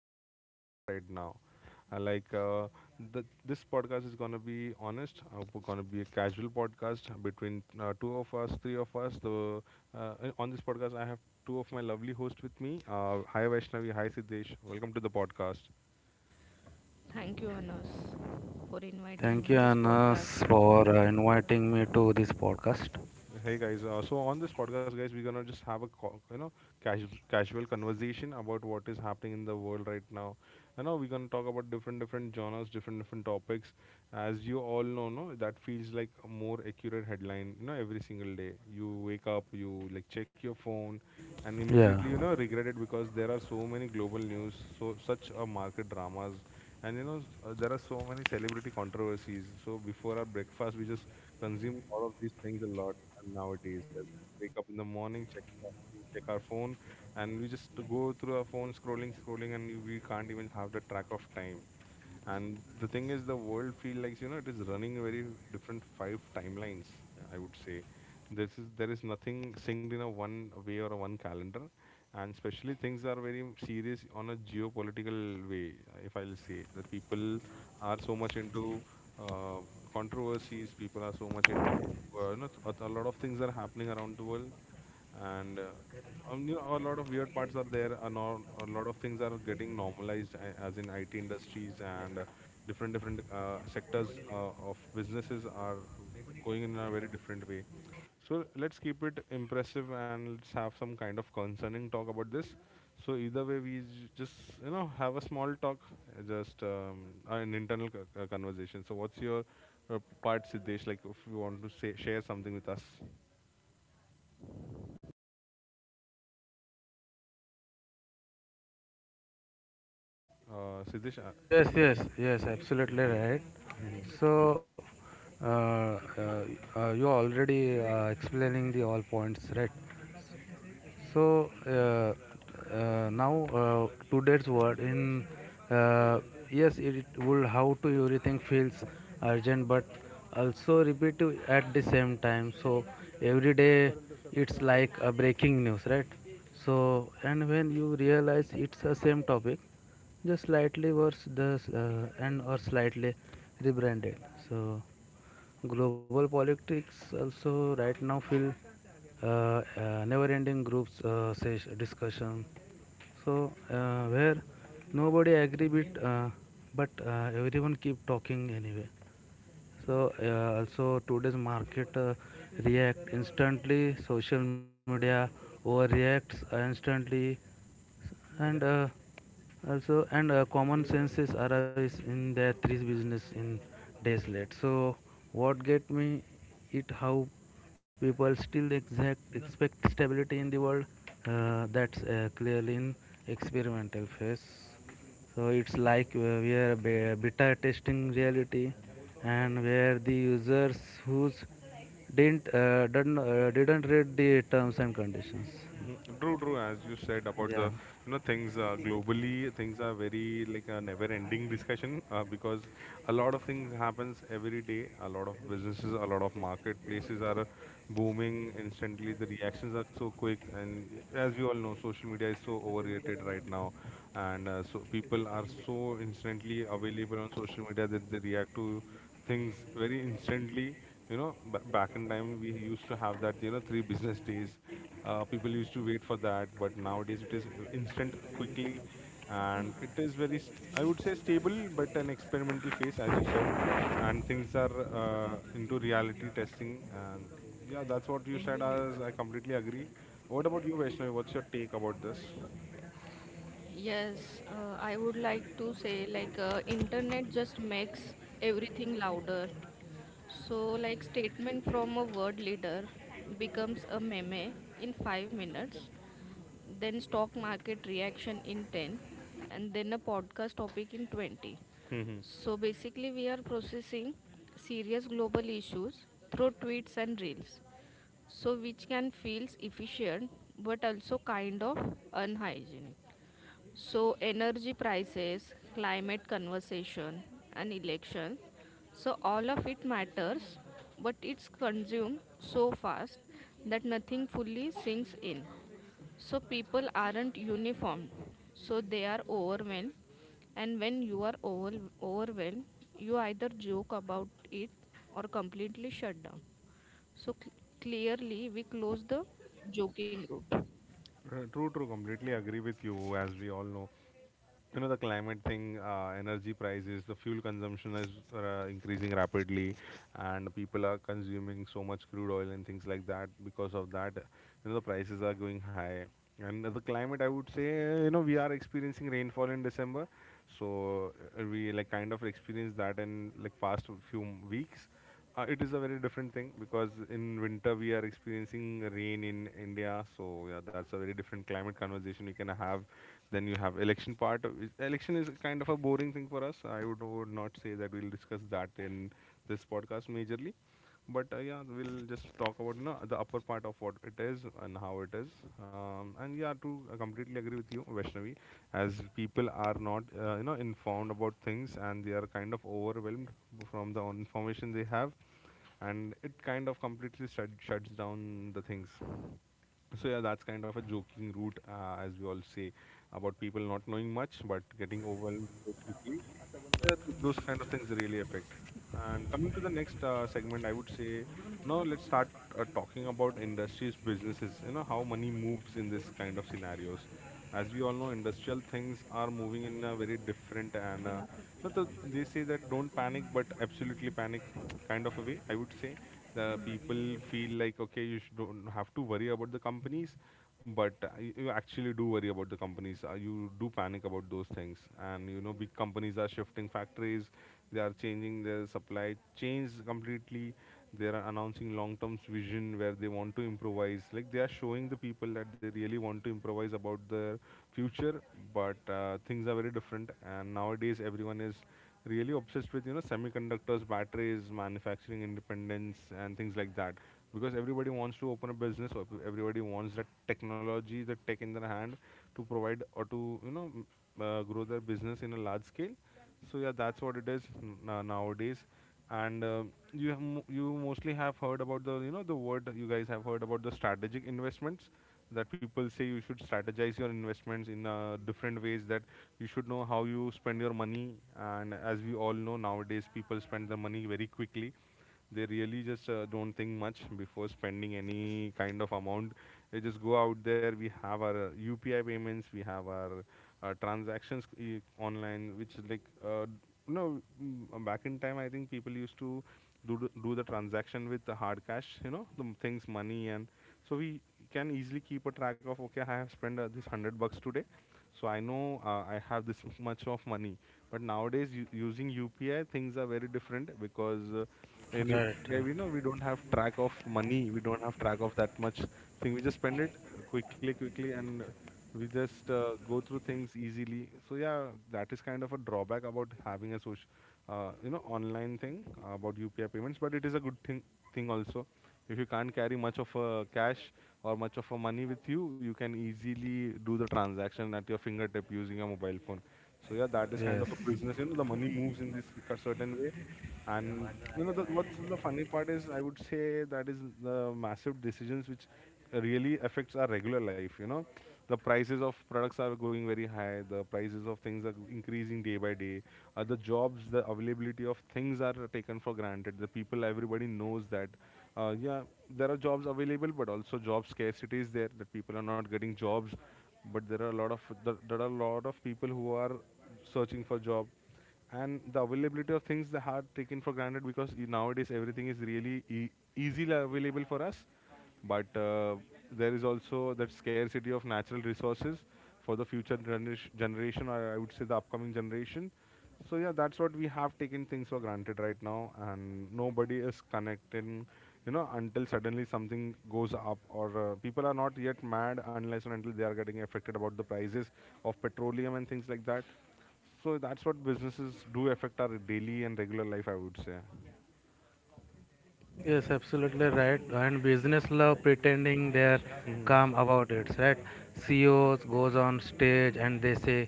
happening in the world right now. Uh, like, uh, this podcast is going to be honest. We're going to be a casual podcast between two of us, three of us. The On this podcast, I have two of my lovely hosts with me. Hi, Vaishnavi. Hi, Siddesh. Welcome to the podcast. Thank you, Anas, for inviting Thank on you, this Anas, podcast. for inviting me to this podcast. Hey guys, so on this podcast, guys, we're gonna just have a casual conversation about what is happening in the world right now. You know, we're gonna talk about different genres, different topics. As you all know, no, that feels like a more accurate headline. You know, every single day you wake up, you like check your phone, and immediately Yeah. Regret it because there are so many global news, so such a market dramas. And you know, there are so many celebrity controversies. So before our breakfast, we just consume all of these things a lot and nowadays, wake up in the morning, check our phone, and we just go through our phone scrolling, scrolling, and we can't even have the track of time, and the thing is the world feel like, it is running very different five timelines, I would say. This is There is nothing synced in a one way or a one calendar, and especially things are very serious on a geopolitical way. If I'll say that people are so much into uh, controversies, people are so much into a lot of things are happening around the world, and a lot of weird parts are there, a, no, a lot of things are getting normalized as in IT industries, and different sectors of businesses are going in a very different way. So let's keep it impressive and let's have some kind of concerning talk about this. So either way, we just have a small talk, just an internal conversation. So what's your part, Siddesh, like if you want to say share something with us, Siddesh. Yes, yes, yes, Yeah, absolutely yeah. right. Mhm, So, uh, uh, you are already explaining the all points, right? So now today's world in uh, yes it will how to everything feels urgent but also repetitive at the same time. So every day it's like a breaking news, right? So and when you realize it's the same topic, just slightly worse the and or slightly rebranded. So global politics also right now feel never-ending groups sesh- discussion. So where nobody agree with, but everyone keep talking anyway. So also today's market react instantly. Social media overreacts instantly and also and common senses arise in their three business in days late. So what get me, it how people still exact expect stability in the world. That's clearly in experimental phase. So it's like we are beta testing reality, and where the users who's didn't read the terms and conditions. mhm. True, true. As you said about the, Yeah. you know, things globally, things are very like a never-ending discussion, because a lot of things happens every day. A lot of businesses, a lot of marketplaces are booming instantly. The reactions are so quick, and as we all know, social media is so overrated right now, and so people are so instantly available on social media that they react to things very instantly. You know, back in time we used to have that. You know, three business days. People used to wait for that, but nowadays it is instant, quickly, and it is very, I would say stable, but an experimental phase, as you said, and things are into reality testing. And yeah, that's what you said. As I completely agree. What about you, Vaishnavi? What's your take about this? Yes, I would like to say internet just makes everything louder. So like statement from a world leader becomes a meme in 5 minutes, then stock market reaction in 10, and then a podcast topic in 20. Hmm. So basically we are processing serious global issues through tweets and reels, so which can feels efficient but also kind of unhygienic. So energy prices, climate conversation, and election, so all of it matters, but it's consumed so fast that nothing fully sinks in. So people aren't uniform, so they are overwhelmed, and when you are overwhelmed, you either joke about it or completely shut down. So clearly, we close the joking group. True, true. Completely agree with you. As we all know, you know the climate thing, energy prices, the fuel consumption is increasing rapidly, and people are consuming so much crude oil and things like that, because of that, you know, the prices are going high. And the climate, I would say, you know, we are experiencing rainfall in December. So we like kind of experienced that in like past few weeks. It is a very different thing because in winter we are experiencing rain in India, so yeah, that's a very different climate conversation we can have. Then you have election part. Election is kind of a boring thing for us. Would not say that we'll discuss that in this podcast majorly. But yeah, we'll just talk about, you know, the upper part of what it is and how it is. And yeah, to completely agree with you, Vaishnavi, as people are not informed about things, and they are kind of overwhelmed from the information they have, and it kind of completely shuts down the things. So yeah, that's kind of a joking route, as we all say, about people not knowing much but getting overwhelmed so quickly. Yeah, those kind of things really affect. And coming to the next segment, I would say, now let's start talking about industries, businesses. You know how money moves in this kind of scenarios. As we all know, industrial things are moving in a very different and not the, they say that don't panic, but absolutely panic kind of a way. I would say the people feel like, okay, you should don't have to worry about the companies, but you actually do worry about the companies. You do panic about those things, and you know big companies are shifting factories, they are changing their supply chains completely. They are announcing long term vision where they want to improvise, like they are showing the people that they really want to improvise about their future, but things are very different, and nowadays everyone is really obsessed with, you know, semiconductors, batteries, manufacturing independence, and things like that, because everybody wants to open a business, or everybody wants that technology, the tech in their hand, to provide or to grow their business in a large scale. So yeah, that's what it is nowadays. And you have you mostly have heard about the, you know, the word, you guys have heard about the strategic investments, that people say you should strategize your investments in different ways, that you should know how you spend your money. And as we all know, nowadays people spend their money very quickly. They really just don't think much before spending any kind of amount. They just go out there. We have our UPI payments, we have our transactions online, which is like no, back in time, I think people used to do the transaction with the hard cash, you know, the things money, and so we can easily keep a track of, okay, I have spent this 100 bucks today, so I know I have this much of money. But nowadays, using UPI, things are very different because in Right. UPI, we know we don't have track of money. We don't have track of that much thing. We just spend it quickly, quickly, and we just go through things easily. So yeah, that is kind of a drawback about having a social, online thing about UPI payments. But it is a good thing also. If you can't carry much of a cash or much of a money with you, you can easily do the transaction at your fingertip using a mobile phone. So yeah, that is kind of Yes. a business. You know, the money moves in this certain way, and you know, the what's the funny part is, I would say, that is the massive decisions which really affects our regular life. You know, the prices of products are going very high. The prices of things are increasing day by day. The jobs, the availability of things are taken for granted. The people, everybody knows that. Yeah, there are jobs available, but also job scarcity is there. That people are not getting jobs, but there are a lot of people who are searching for job, and the availability of things, they are taken for granted, because nowadays everything is really easily available for us, but there is also that scarcity of natural resources for the future generation, or I would say the upcoming generation. So yeah, that's what we have taken things for granted right now, and nobody is connecting, you know, until suddenly something goes up, or people are not yet mad unless and until they are getting affected about the prices of petroleum and things like that. So that's what businesses do affect our daily and regular life, I would say. Yes, absolutely right. And business love pretending they're Hmm. calm about it, right? CEOs goes on stage and they say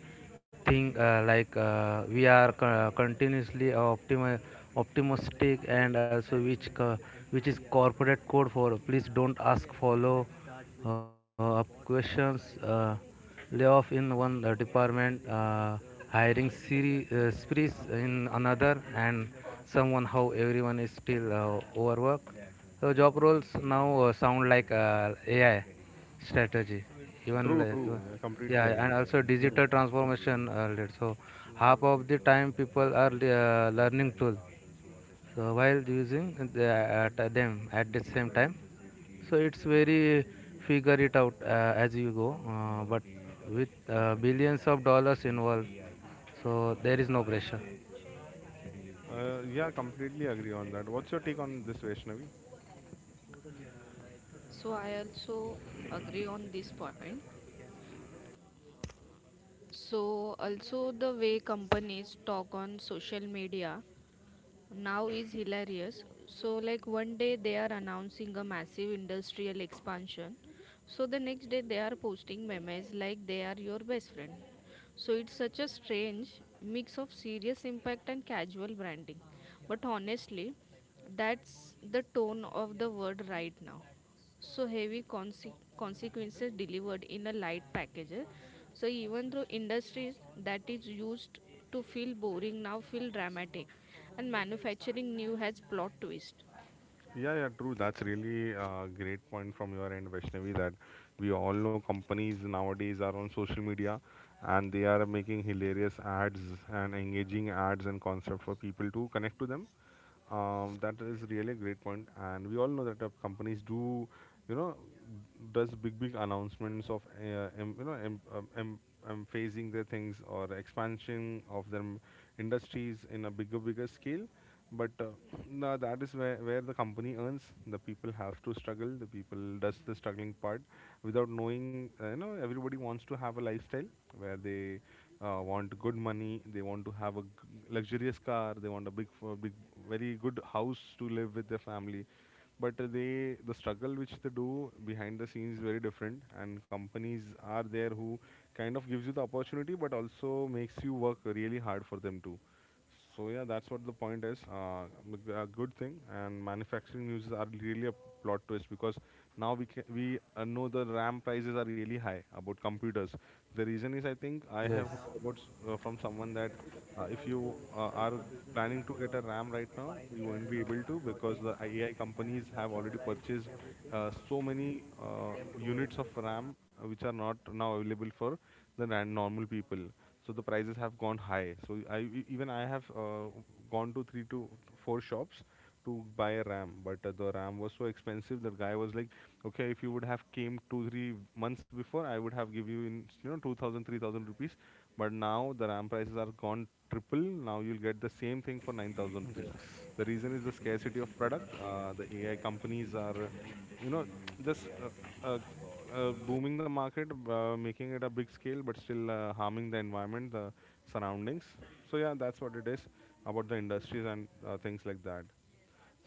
thing like we are continuously optimistic, and also which which is corporate code for please don't ask follow up questions. Layoff in one department, hiring sprees in another, and someone how everyone is still overworked. So job roles now sound like AI strategy, even True, li- even- true. Yeah, completely yeah, and agree. also Yeah. digital transformation. Lead. So half of the time people are learning tool. So while using the, at them at the same time, so it's very figure it out as you go. But with billions of dollars involved, so there is no pressure. Yeah, completely agree on that. What's your take on this, Vaishnavi? Yeah, so I also agree on this point. So also the way companies talk on social media now is hilarious. So like one day they are announcing a massive industrial expansion. So the next day they are posting memes like they are your best friend. So it's such a strange mix of serious impact and casual branding. But honestly, that's the tone of the word right now. So heavy consequences delivered in a light package, eh. So even though industries that is used to feel boring now feel dramatic, and manufacturing new has plot twist. Yeah, yeah, true. That's really a great point from your end, Vaishnavi, that we all know companies nowadays are on social media, and they are making hilarious ads and engaging ads and concept for people to connect to them. That is really a great point, and we all know that companies do, you know, does big announcements of em, you know em, em, em phasing their things or expansion of their industries in a bigger scale. But now that is where the company earns. The people have to struggle. The people does the struggling part without knowing. Everybody wants to have a lifestyle where they want good money. They want to have a luxurious car. They want a a big, very good house to live with their family. But the struggle which they do behind the scenes is very different. And companies are there who kind of gives you the opportunity, but also makes you work really hard for them too. So yeah, that's what the point is. A good thing, and manufacturing news are really a plot twist because now we ca we know the RAM prices are really high about computers. The reason is I think I have Yes. heard about from someone that if you are planning to get a RAM right now, you won't be able to because the AI companies have already purchased so many uh, units of RAM which are not now available for the normal people. So the prices have gone high. So even I have gone to three to four shops to buy a ram, but the ram was so expensive. The guy was like, "Okay, if you would have came 2 or 3 months before, I would have give you in two thousand three thousand rupees, but now the ram prices are gone triple. Now you'll get the same thing for 9,000 rupees." The reason is the scarcity of product. The AI companies are you know just uh, booming the market, making it a big scale but still harming the environment, the surroundings. So yeah, that's what it is about the industries and things like that.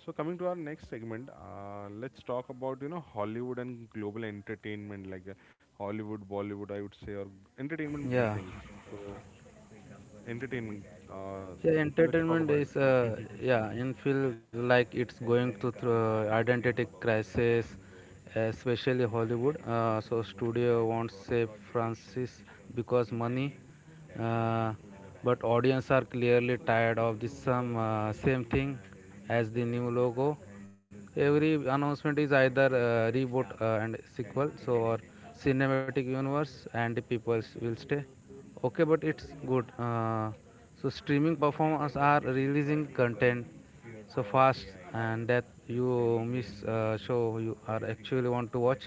So coming to our next segment, let's talk about Hollywood and global entertainment, like Hollywood, Bollywood, I would say, or entertainment Yeah, things. So entertainment. Uh, s- yeah. let's talk Entertainment about. is yeah, and feel like it's going to through identity crisis, especially Hollywood. So studio wants say Francis because money, uh, but audience are clearly tired of this some same thing as the new logo. Every announcement is either reboot and sequel, so or cinematic universe, and people will stay. Okay, but it's good. So streaming performers are releasing content so fast, and that you miss show you are actually want to watch.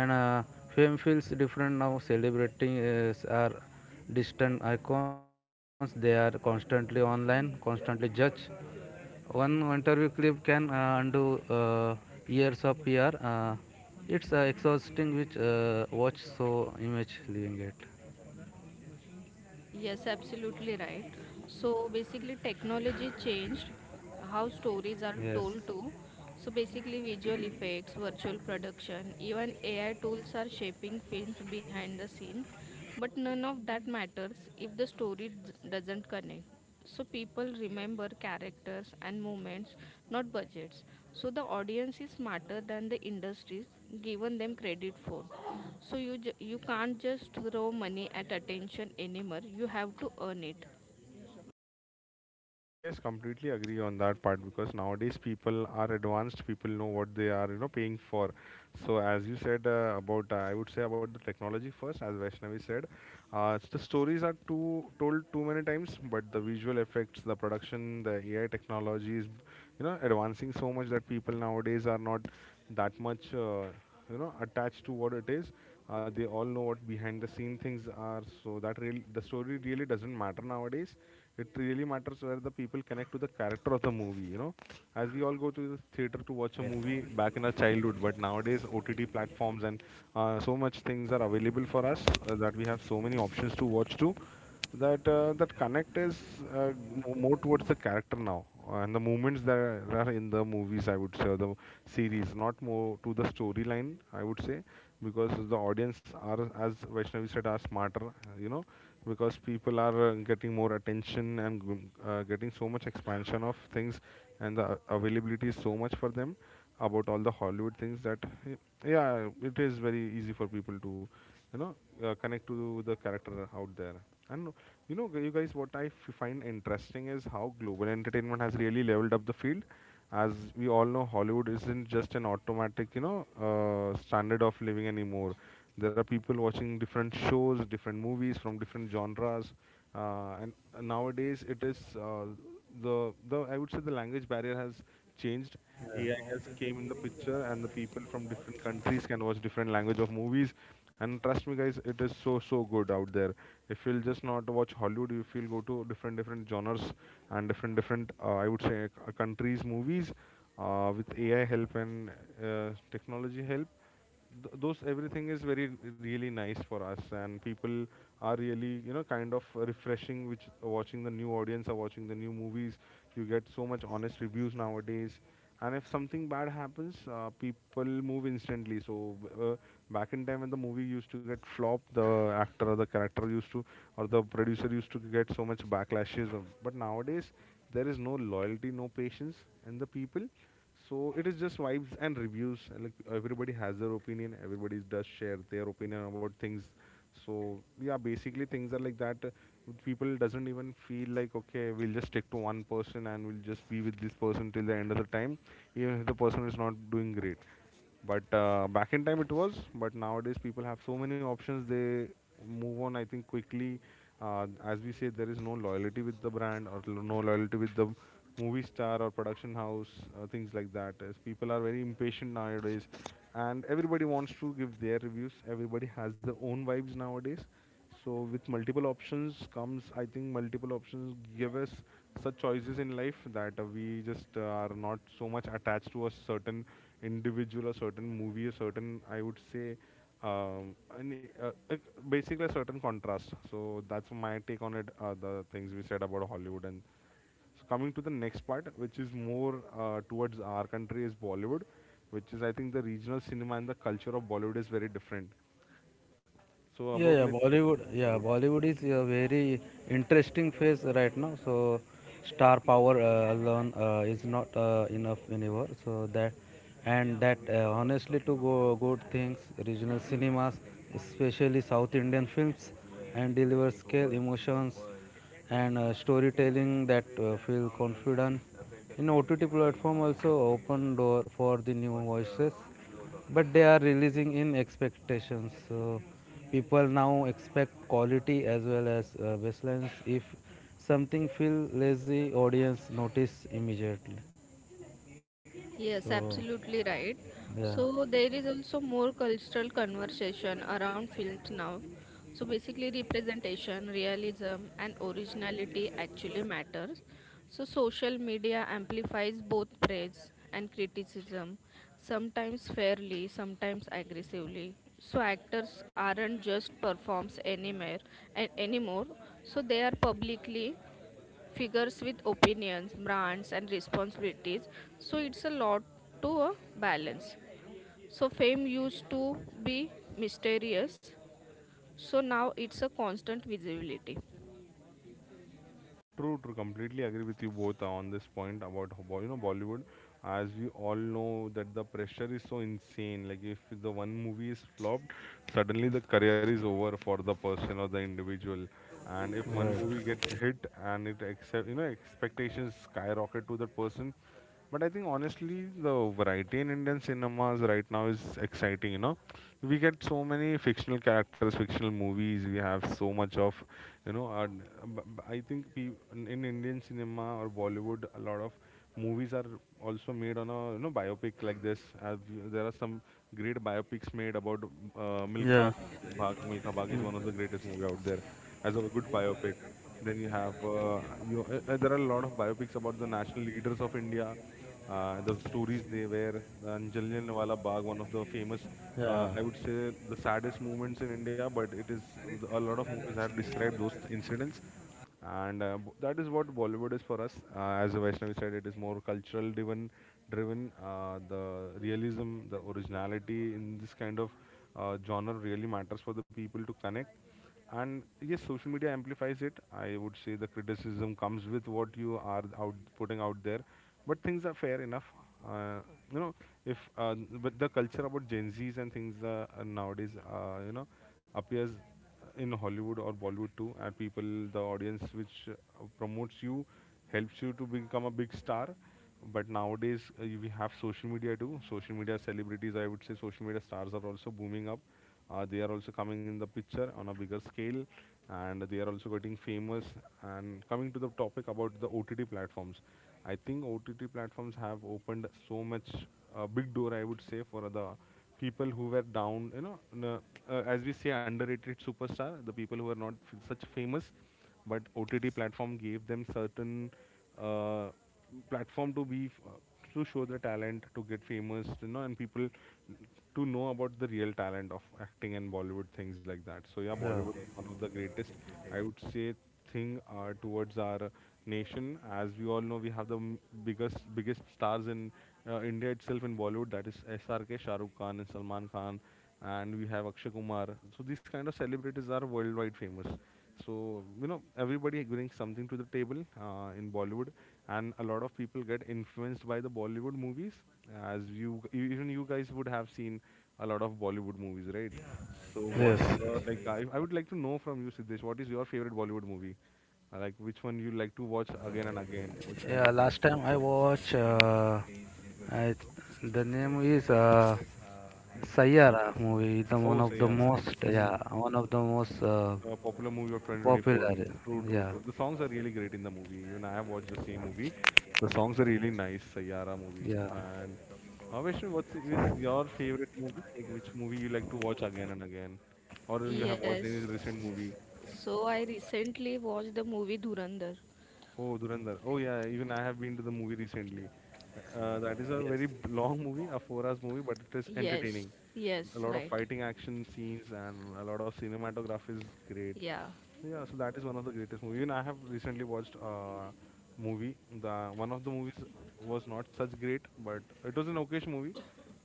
And fame feels different now. Celebrating is are distant icons. They are constantly online, constantly judged. One interview clip can undo years of PR. It's exhausting which watch so image leaving it. Yes, absolutely right. So basically, technology changed how stories are Yes, told too. So basically, visual effects, virtual production, even AI tools are shaping films behind the scene. But none of that matters if the story doesn't connect, so people remember characters and moments, not budgets. So the audience is smarter than the industries given them credit for. So you you can't just throw money at attention anymore, you have to earn it. Yes, completely agree on that part because nowadays people are advanced, people know what they are, paying for. So as you said I would say about the technology first, as Vaishnavi said, the stories are too told too many times, but the visual effects, the production, the AI technologies, advancing so much that people nowadays are not that much attached to what it is. They all know what behind the scene things are, so that real the story really doesn't matter nowadays. It really matters where the people connect to the character of the movie, you know, as we all go to the theater to watch a right. movie back in our childhood. But nowadays OTT platforms and so much things are available for us, that we have so many options to watch to, that connect is uh, more towards the character now, and the movements that are in the movies, I would say, or the series, not more to the storyline, I would say, because the audience are, as Vaishnavi said, are smarter, because people are getting more attention and getting so much expansion of things, and the availability is so much for them about all the Hollywood things that y- yeah, it is very easy for people to you know connect to the character out there. And you know, you guys, what I find interesting is how global entertainment has really leveled up the field. As we all know, Hollywood isn't just an automatic, standard of living anymore. There are people watching different shows, different movies from different genres, and nowadays it is the I would say the language barrier has changed. AI has came in the picture, and the people from different countries can watch different language of movies. And trust me, guys, it is so so good out there. If you'll just not watch Hollywood, if you'll go to different different genres and different different, I would say, countries movies, with AI help and uh, technology help, those everything is very really nice for us, and people are really, you know, kind of refreshing which watching the new audience are watching the new movies. You get so much honest reviews nowadays, and if something bad happens, people move instantly. So uh, back in time when the movie used to get flop, the actor or the character used to or the producer used to get so much backlashes of. But nowadays there is no loyalty, no patience in the people. So it is just vibes and reviews, and like everybody has their opinion, everybody does share their opinion about things. So yeah, basically things are like that. People doesn't even feel like okay, we'll just stick to one person and we'll just be with this person till the end of the time, even if the person is not doing great. But back in time it was, but nowadays people have so many options. They move on, I think, quickly. As we say, there is no loyalty with the brand or no loyalty with the movie star or production house, things like that. As people are very impatient nowadays, and everybody wants to give their reviews. Everybody has their own vibes nowadays. So with multiple options comes, I think multiple options give us such choices in life that we just are not so much attached to a certain individual, a certain movie, a certain, I would say, um, an, uh, uh, basically a certain contrast. So that's my take on it. The things we said about Hollywood, and so coming to the next part, which is more towards our country, is Bollywood, which is I think the regional cinema and the culture of Bollywood is very different. So Yeah, about yeah. let. Bollywood, yeah, Bollywood is a very interesting phase right now. So star power alone is not enough anymore. So that and that honestly to go good things, regional cinemas, especially South Indian films, and deliver scale emotions and storytelling that feel confident. In OTT platform also open door for the new voices, but they are releasing in expectations. So people now expect quality as well as baselines. If something feel lazy, audience notice immediately. So Yes, absolutely right. yeah, So there is also more cultural conversation around films now. So basically representation, realism, and originality actually matters. So social media amplifies both praise and criticism, sometimes fairly, sometimes aggressively. So actors aren't just performs anywhere and anymore. So they are publicly figures with opinions, brands, and responsibilities. So it's a lot to a balance. So fame used to be mysterious, so now it's a constant visibility. True, true. Completely agree with you both on this point about you know Bollywood. As we all know that the pressure is so insane. Like if the one movie is flopped, suddenly the career is over for the person or the individual. And if one right. movie gets hit and it accept you know expectations skyrocket to that person, but I think honestly, the variety in Indian cinemas right now is exciting. You know, we get so many fictional characters, fictional movies. We have so much of, you know, uh, b- I think in Indian cinema or Bollywood, a lot of movies are also made on a you know biopic like this. There are some great biopics made about Milkha Yeah, Bhag. Milkha Bhag is one of the greatest movie out there as a good biopic. Then you have you. There are a lot of biopics about the national leaders of India. The stories they were. The Jallianwala Bagh, one of the famous, yeah, I would say, the saddest moments in India. But it is a lot of movies have described those incidents, and that is what Bollywood is for us. As Vaishnavi said, it is more cultural driven. The realism, the originality in this kind of genre really matters for the people to connect. And yes, social media amplifies it. I would say the criticism comes with what you are out putting out there, but things are fair enough. Uh, you know if But the culture about gen z's and things nowadays uh, you know appears in Hollywood or Bollywood too, and people, the audience which promotes you helps you to become a big star. But nowadays we have social media too. Social media celebrities, I would say, social media stars are also booming up. They are also coming in the picture on a bigger scale, and they are also getting famous. And coming to the topic about the OTT platforms, I think OTT platforms have opened so much a big door, I would say, for the people who were down, as we say, underrated superstar, the people who were not such famous, but OTT platform gave them certain uh, platform to show the talent to get famous and people to know about the real talent of acting and Bollywood things like that. So yeah, yeah. Bollywood is one of the greatest, I would say, thing towards our nation. As we all know, we have the biggest stars in India itself, in Bollywood, that is SRK, Shahrukh Khan, and Salman Khan, and we have Akshay Kumar. So these kind of celebrities are worldwide famous. So everybody brings something to the table in Bollywood, and a lot of people get influenced by the Bollywood movies. As you even you guys would have seen a lot of Bollywood movies, right? So Yes. what's your, like, Yes. I would like to know from you, Siddesh, what is your favorite Bollywood movie? Like, which one you like to watch again and again, which kind Yeah. of movie? Last time I watch. I, the name is Sayyara movie is the one Oh, of the Sayara. most, Mm-hmm. yeah, one of the most A popular movie of 2024. popular. True, true, Yeah. true. The songs are really great in the movie. Even I have watched the same movie. The songs are really nice. Sayara movie. Yeah. And Vaishnavi, what's your favorite movie? Like, which movie you like to watch again and again, or you have watched any Yes. recent movie? So I recently watched the movie Dhurandhar. Oh, Durandar. Oh, yeah. Even I have been to the movie recently. That is a Yes. very long movie, a four-hours movie, but it is Yes. entertaining. A Yes, lot of right. fighting action scenes and a lot of cinematography is great. Yeah. So, yeah, so that is one of the greatest movies. Even I have recently watched a movie. The one of the movies was not such great, but it was an okay movie,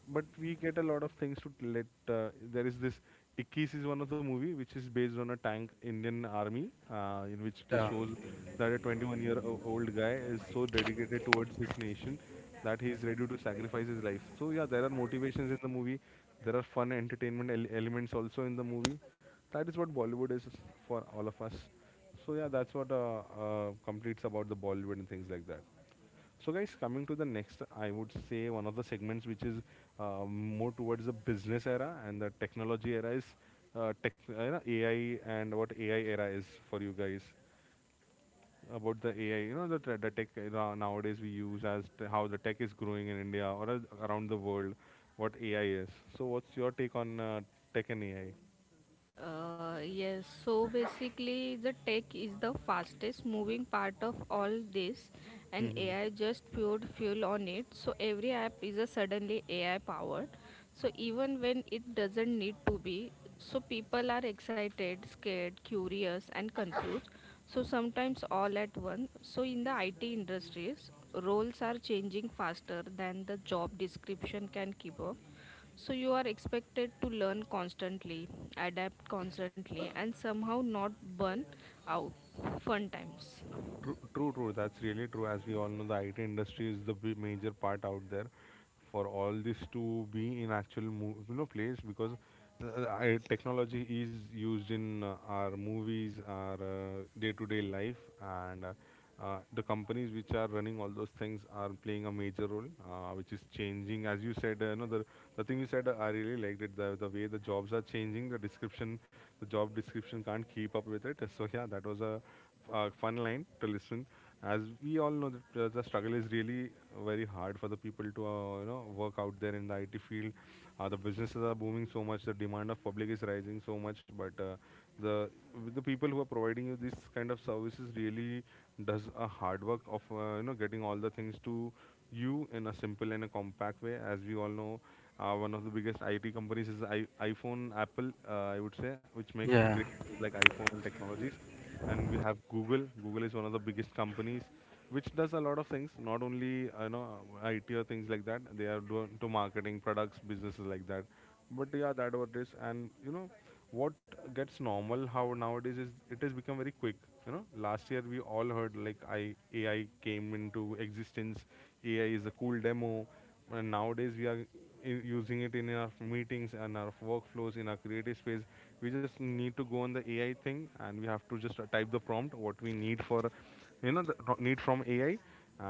but we get a lot of things to let. There is this Ikis is one of the movie which is based on a tank Indian army, in which Yeah. it shows that a 21 year old guy is so dedicated towards his nation that he is ready to sacrifice his life. So yeah, there are motivations in the movie. There are fun entertainment elements also in the movie. That is what Bollywood is for all of us. So yeah, that's what completes about the Bollywood and things like that. So, guys, coming to the next, I would say one of the segments which is more towards the business era and the technology era is AI, and what AI era is for you guys about the AI. You know, the tech era nowadays we use, how the tech is growing in India or around the world, what AI is. So, what's your take on tech and AI? Yes, so basically, the tech is the fastest moving part of all this, and Mm-hmm. AI just poured fuel on it. So every app is a suddenly AI powered. So even when it doesn't need to be, so people are excited, scared, curious, and confused. So sometimes all at once. So in the IT industries, roles are changing faster than the job description can keep up. So you are expected to learn constantly, adapt constantly, and somehow not burn out. Fun times. True, true, true. That's really true. As we all know, the IT industry is the major part out there for all this to be in actual place, because technology is used in our movies, our day-to-day life, and the companies which are running all those things are playing a major role, which is changing. As you said, the thing you said, I really liked it. The way the jobs are changing, the description, the job description can't keep up with it. So yeah, that was a fun line to listen, as we all know that the struggle is really very hard for the people to work out there in the IT field. The businesses are booming so much, the demand of public is rising so much, but the the people who are providing you this kind of services really does a hard work of getting all the things to you in a simple and a compact way. As we all know, one of the biggest IT companies is iPhone, Apple, I would say, which make Yeah. great things like iPhone and technologies, and we have Google. Google is one of the biggest companies, which does a lot of things, not only IT or things like that. They are doing to marketing products, businesses like that. But yeah, that what it is, and you know what gets normal how nowadays is, it has become very quick. You know, last year we all heard like I AI came into existence. AI is a cool demo, and nowadays we are using it in our meetings and our workflows in our creative space. We just need to go on the AI thing, and we have to just type the prompt what we need for, you know, need from AI,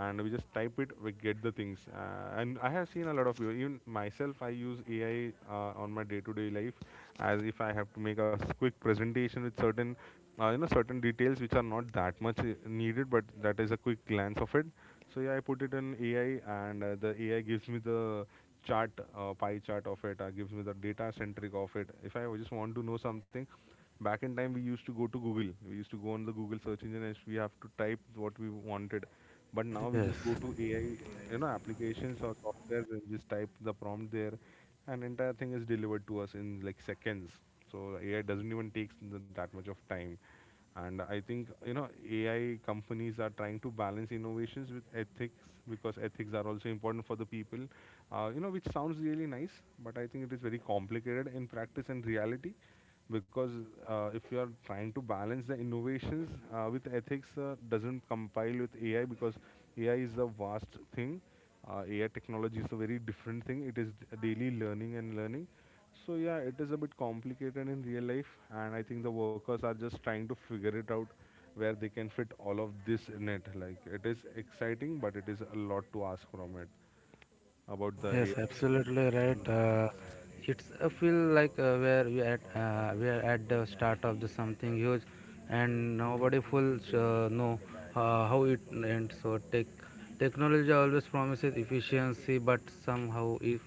and we just type it. We get the things. And I have seen a lot of people. Even myself, I use AI on my day-to-day life, as if I have to make a quick presentation with certain certain details which are not that much needed, but that is a quick glance of it. So yeah, I put it in AI, and the AI gives me the chart, pie chart of it. Gives me the data centric of it. If I just want to know something, back in time we used to go to Google. We used to go on the Google search engine and we have to type what we wanted. But now we Yes. just go to AI, you know, applications or software, and just type the prompt there, and entire thing is delivered to us in like seconds. So AI doesn't even take that much of time, and I think AI companies are trying to balance innovations with ethics, because ethics are also important for the people, which sounds really nice, but I think it is very complicated in practice and reality, because if you are trying to balance the innovations with ethics, doesn't compile with AI, because AI is a vast thing. AI technology is a very different thing. It is daily learning and learning. So yeah, it is a bit complicated in real life, and I think the workers are just trying to figure it out where they can fit all of this in it. Like, it is exciting, but it is a lot to ask from it about Yes, the— absolutely right. It's a feel like where we at, we are at the start of the something huge, and nobody fulls know how it ends. So tech technology always promises efficiency, but somehow if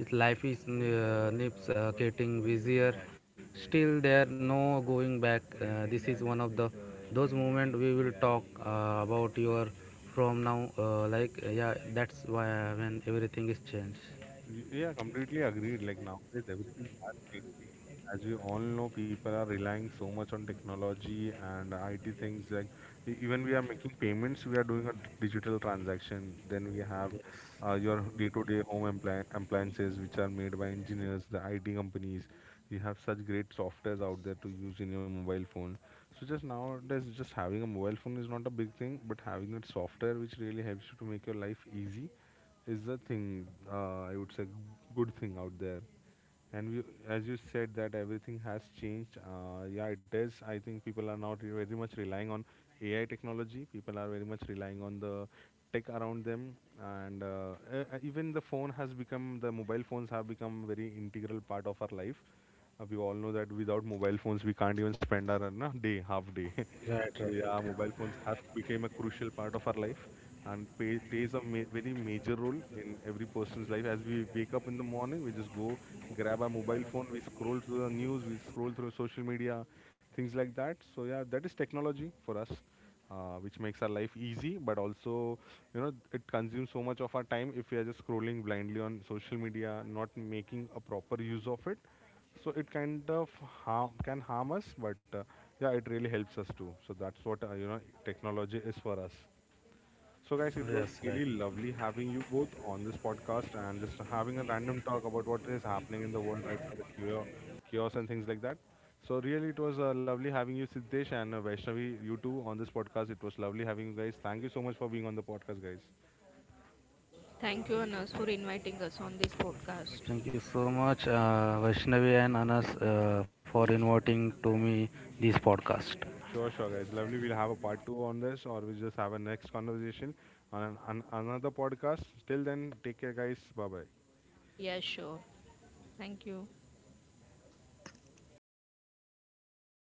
his life is nips getting busier. Still, there no going back. This is one of the those moment we will talk about your from now. Like yeah, that's why when everything is changed. Yeah, completely agreed. Like, nowadays, everything has changed. As we all know, people are relying so much on technology and IT things. Like, even we are making payments, we are doing a digital transaction. Then we have Yes. your day-to-day home appliances, which are made by engineers, the IT companies. We have such great softwares out there to use in your mobile phone. So just nowadays, just having a mobile phone is not a big thing, but having that software which really helps you to make your life easy is the thing, I would say, good thing out there. And we, as you said, that everything has changed. Yeah, it is. I think people are not very much relying on AI technology. People are very much relying on the tech around them, and even the phone has become, the mobile phones have become very integral part of our life. We all know that without mobile phones, we can't even spend our day, half day. Right, So right. yeah, mobile phones have become a crucial part of our life and plays a very major role in every person's life. As we wake up in the morning, we just go grab our mobile phone, we scroll through the news, we scroll through social media, things like that. So yeah, that is technology for us, which makes our life easy, but also it consumes so much of our time if we are just scrolling blindly on social media, not making a proper use of it. So it kind of harm can harm us, but yeah, it really helps us too. So that's what, technology is for us. So guys, it was Yes, really right. lovely having you both on this podcast and just having a random talk about what is happening in the world right now, the chaos and things like that. So really, it was lovely having you, Siddesh, and Vaishnavi, you two on this podcast. It was lovely having you guys. Thank you so much for being on the podcast, guys. Thank you, Anas, for inviting us on this podcast. Thank you so much, Vaishnavi and Anas, for inviting to me this podcast. Sure, sure, guys. Lovely. We'll have a part 2 on this, or we'll just have a next conversation on another podcast. Till then, take care, guys. Bye bye. Yeah, sure. Thank you.